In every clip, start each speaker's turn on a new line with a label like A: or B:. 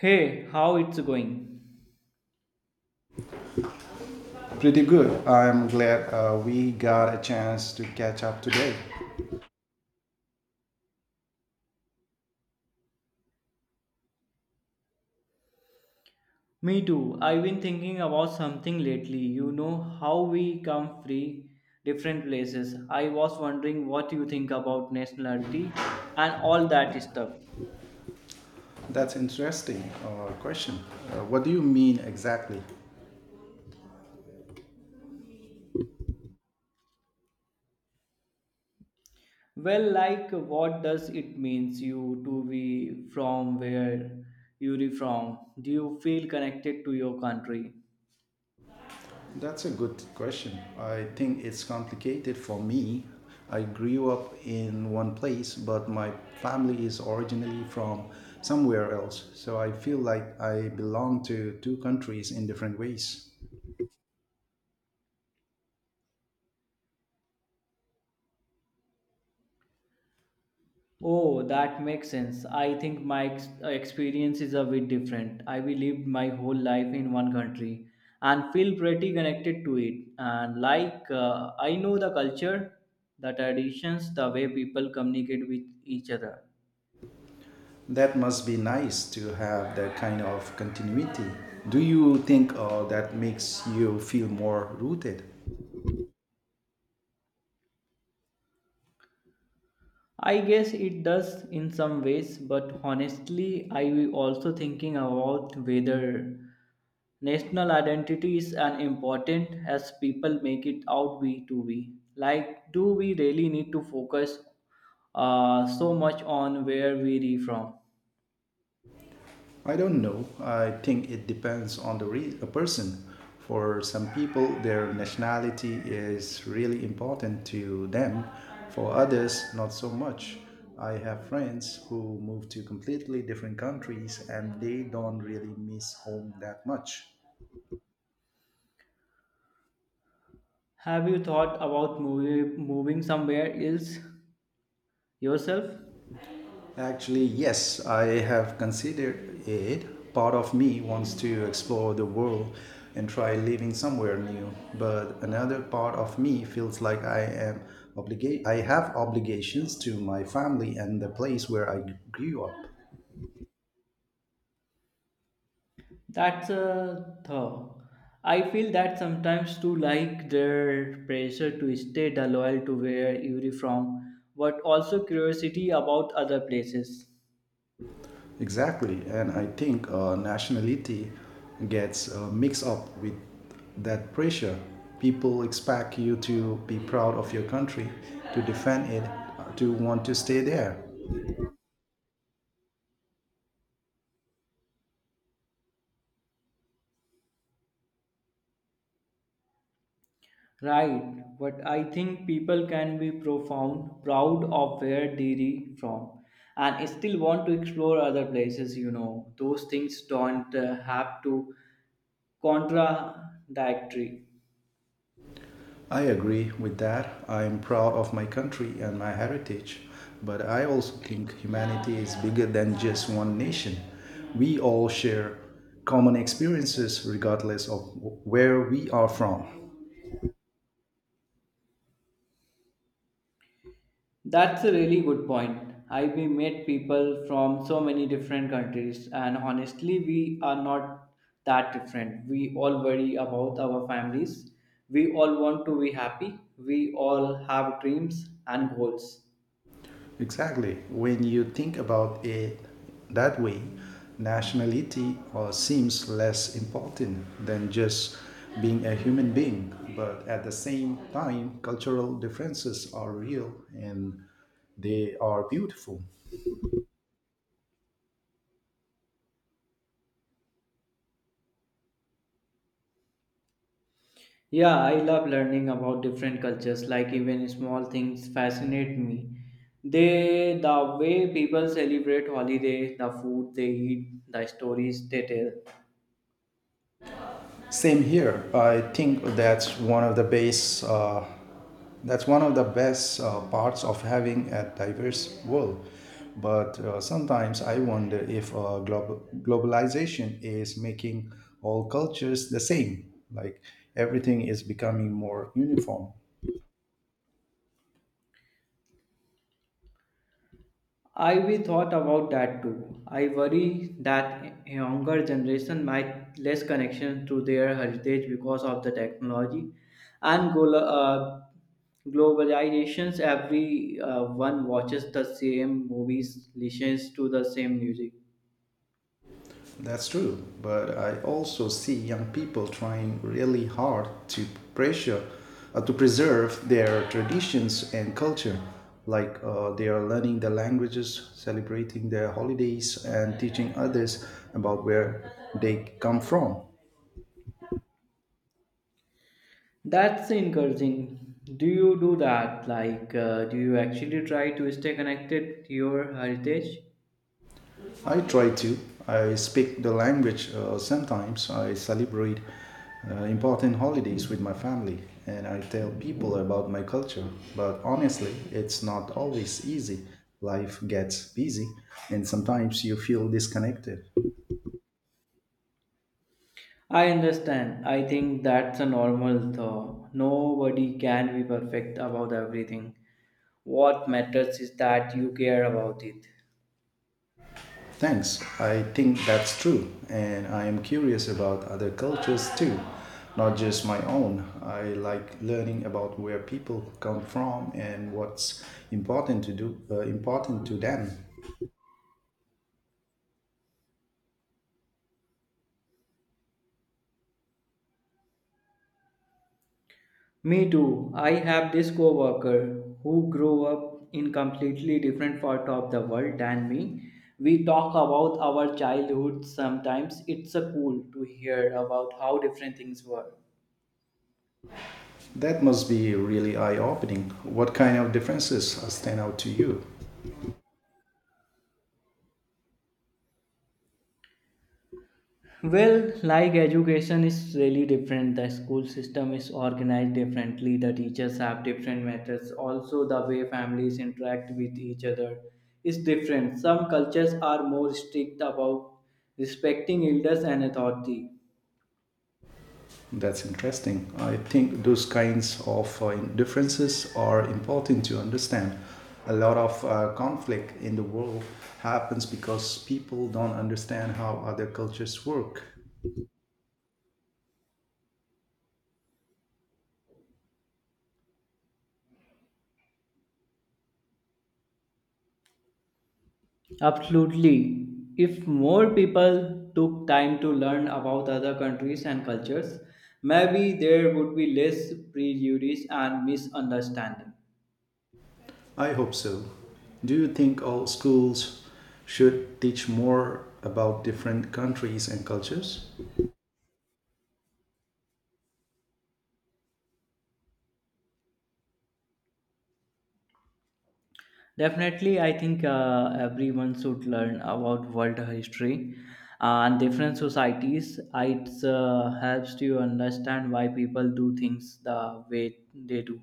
A: Hey, how it's going?
B: Pretty good. I'm glad we got a chance to catch up today.
A: Me too. I've been thinking about something lately. You know how we come free different places. I was wondering what you think about nationality and all that stuff.
B: That's interesting question. What do you mean exactly?
A: Well, like what does it means you to be from where you're from? Do you feel connected to your country?
B: That's a good question. I think it's complicated for me. I grew up in one place, but my family is originally from somewhere else. So I feel like I belong to two countries in different ways.
A: Oh, that makes sense. I think my experience is a bit different. I will lived my whole life in one country and feel pretty connected to it. And like, I know the culture, the traditions, the way people communicate with each other.
B: That must be nice to have that kind of continuity. Do you think that makes you feel more rooted?
A: I guess it does in some ways, but honestly, I also thinking about whether national identity is as important as people make it out we to be. Like, do we really need to focus so much on where we re from?
B: I don't know. I think it depends on a person. For some people, their nationality is really important to them. For others, not so much. I have friends who move to completely different countries and they don't really miss home that much.
A: Have you thought about moving somewhere else yourself?
B: Actually, yes, I have considered it. Part of me wants to explore the world and try living somewhere new, but another part of me feels like I am obligate I have obligations to my family and the place where I grew up.
A: That's a thought. I feel that sometimes too, like their pressure to stay the loyal to where you're from, but also curiosity about other places.
B: Exactly, and I think nationality gets mixed up with that pressure. People expect you to be proud of your country, to defend it, to want to stay there.
A: Right, but I think people can be proud of where they're from, and still want to explore other places. Those things don't have to contradictory.
B: I agree with that. I am proud of my country and my heritage, but I also think humanity is bigger than just one nation. We all share common experiences regardless of where we are from.
A: That's a really good point. I've met people from so many different countries, and honestly, we are not that different. We all worry about our families. We all want to be happy. We all have dreams and goals.
B: Exactly. When you think about it that way, nationality seems less important than just being a human being, but at the same time, cultural differences are real and they are beautiful.
A: Yeah, I love learning about different cultures, like even small things fascinate me. The way people celebrate holiday, the food they eat, the stories they tell.
B: Same here. I think that's one of the base. That's one of the best parts of having a diverse world. But sometimes I wonder if globalization is making all cultures the same. Like everything is becoming more uniform.
A: I we thought about that too. I worry that younger generation might less connection to their heritage because of the technology and globalizations. Every one watches the same movies, listens to the same music.
B: That's true. But I also see young people trying really hard to pressure, to preserve their traditions and culture. Like they are learning the languages, celebrating their holidays, and teaching others about where they come from.
A: That's encouraging. Do you do that? Like, do you actually try to stay connected to your heritage?
B: I try to. I speak the language sometimes. I celebrate important holidays with my family and I tell people about my culture. But honestly, it's not always easy. Life gets busy and sometimes you feel disconnected.
A: I understand. I think that's a normal though. Nobody can be perfect about everything. What matters is that you care about it.
B: Thanks. I think that's true. And I am curious about other cultures too, not just my own. I like learning about where people come from and what's important to them.
A: Me too. I have this coworker who grew up in completely different part of the world than me. We talk about our childhood sometimes. It's a cool to hear about how different things were.
B: That must be really eye opening. What kind of differences stand out to you?
A: Well, like education is really different. The school system is organized differently. The teachers have different methods. Also, the way families interact with each other is different. Some cultures are more strict about respecting elders and authority.
B: That's interesting. I think those kinds of differences are important to understand. A lot of conflict in the world happens because people don't understand how other cultures work.
A: Absolutely. If more people took time to learn about other countries and cultures, maybe there would be less prejudice and misunderstanding.
B: I hope so. Do you think all schools should teach more about different countries and cultures?
A: Definitely, I think everyone should learn about world history and different societies. It helps to understand why people do things the way they do,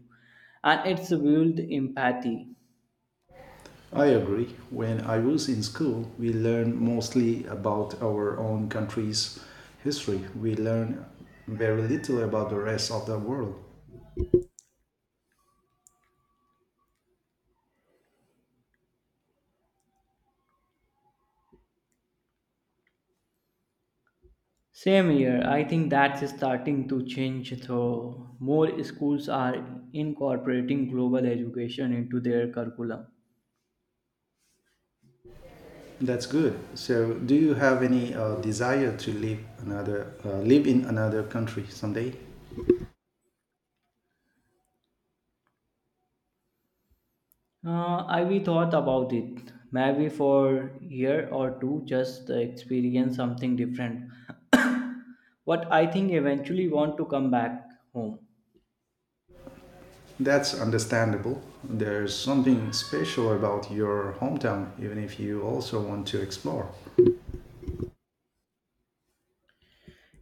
A: and it's build empathy.
B: I agree. When I was in school, we learned mostly about our own country's history. We learn very little about the rest of the world.
A: Same here, I think that's starting to change. Though more schools are incorporating global education into their curriculum.
B: That's good. So, do you have any desire to live another live in another country someday?
A: I we thought about it maybe for year or two just to experience something different. what I think eventually want to come back home.
B: That's understandable. There's something special about your hometown, even if you also want to explore.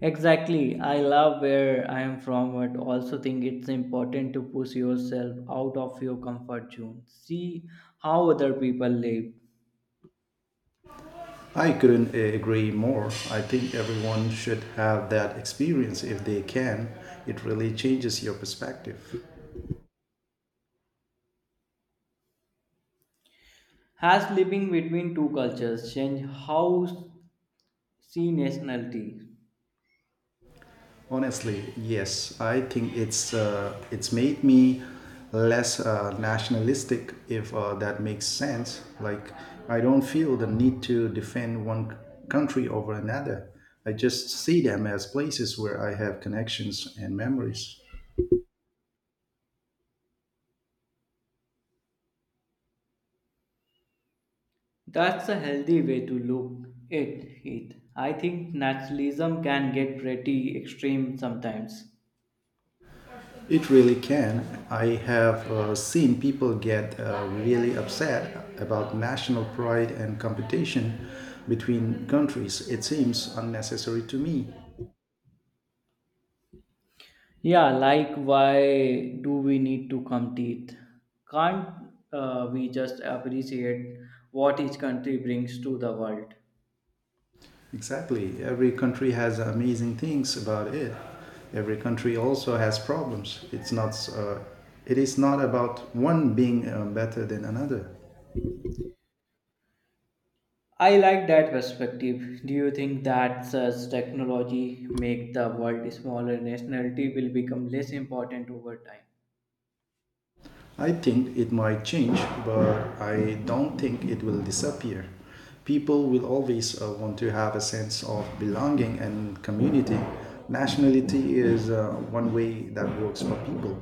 A: Exactly. I love where I am from but also think it's important to push yourself out of your comfort zone. See how other people live.
B: I couldn't agree more. I think everyone should have that experience if they can. It really changes your perspective.
A: Has living between two cultures changed how see nationality?
B: Honestly, yes, I think it's made me less nationalistic, if that makes sense. Like I don't feel the need to defend country over another. I just see them as places where I have connections and memories.
A: That's a healthy way to look at it. I think nationalism can get pretty extreme sometimes.
B: It really can. I have seen people get really upset about national pride and competition between countries. It seems unnecessary to me.
A: Yeah, like why do we need to compete? Can't we just appreciate what each country brings to the world?
B: Exactly. Every country has amazing things about it. Every country also has problems. It is not about one being better than another.
A: I like that perspective. Do you think that such technology make the world smaller? Nationality will become less important over time.
B: I think it might change, but I don't think it will disappear. People will always want to have a sense of belonging and community. Nationality is one way that works for people,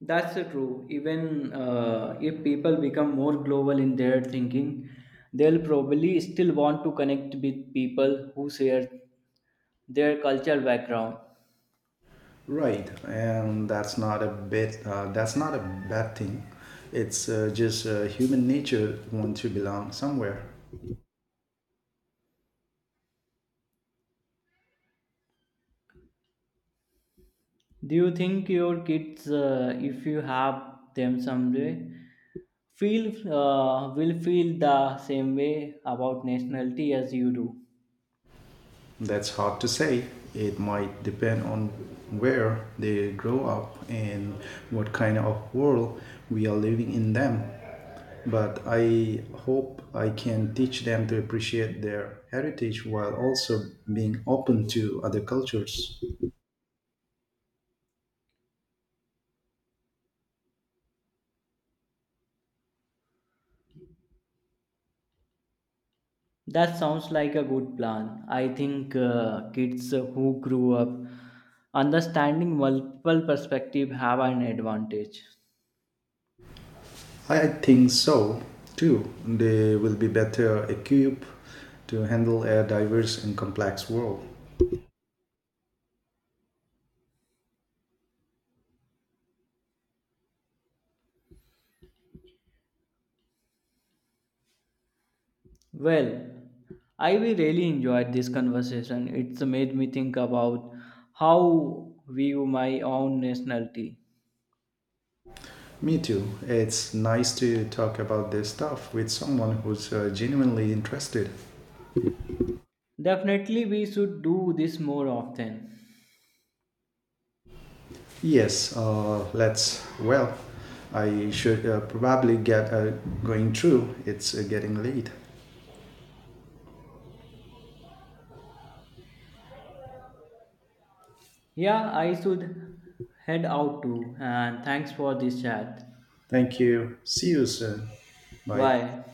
A: That's true. Even if people become more global in their thinking, they'll probably still want to connect with people who share their cultural background.
B: right? And that's not a bit. That's not a bad thing. It's just human nature want to belong somewhere.
A: Do you think your kids, if you have them someday, feel will feel the same way about nationality as you do?
B: That's hard to say. It might depend on where they grow up and what kind of world we are living in them. But I hope I can teach them to appreciate their heritage while also being open to other cultures.
A: That sounds like a good plan. I think kids who grew up understanding multiple perspectives have an advantage.
B: I think so too. They will be better equipped to handle a diverse and complex world.
A: Well, I will really enjoyed this conversation. It's made me think about how view my own nationality.
B: Me too. It's nice to talk about this stuff with someone who's genuinely interested.
A: Definitely, we should do this more often.
B: Yes, let's. Well, I should probably get going through. It's getting late.
A: Yeah, I should head out too. And thanks for this chat.
B: Thank you. See you soon. Bye.
A: Why?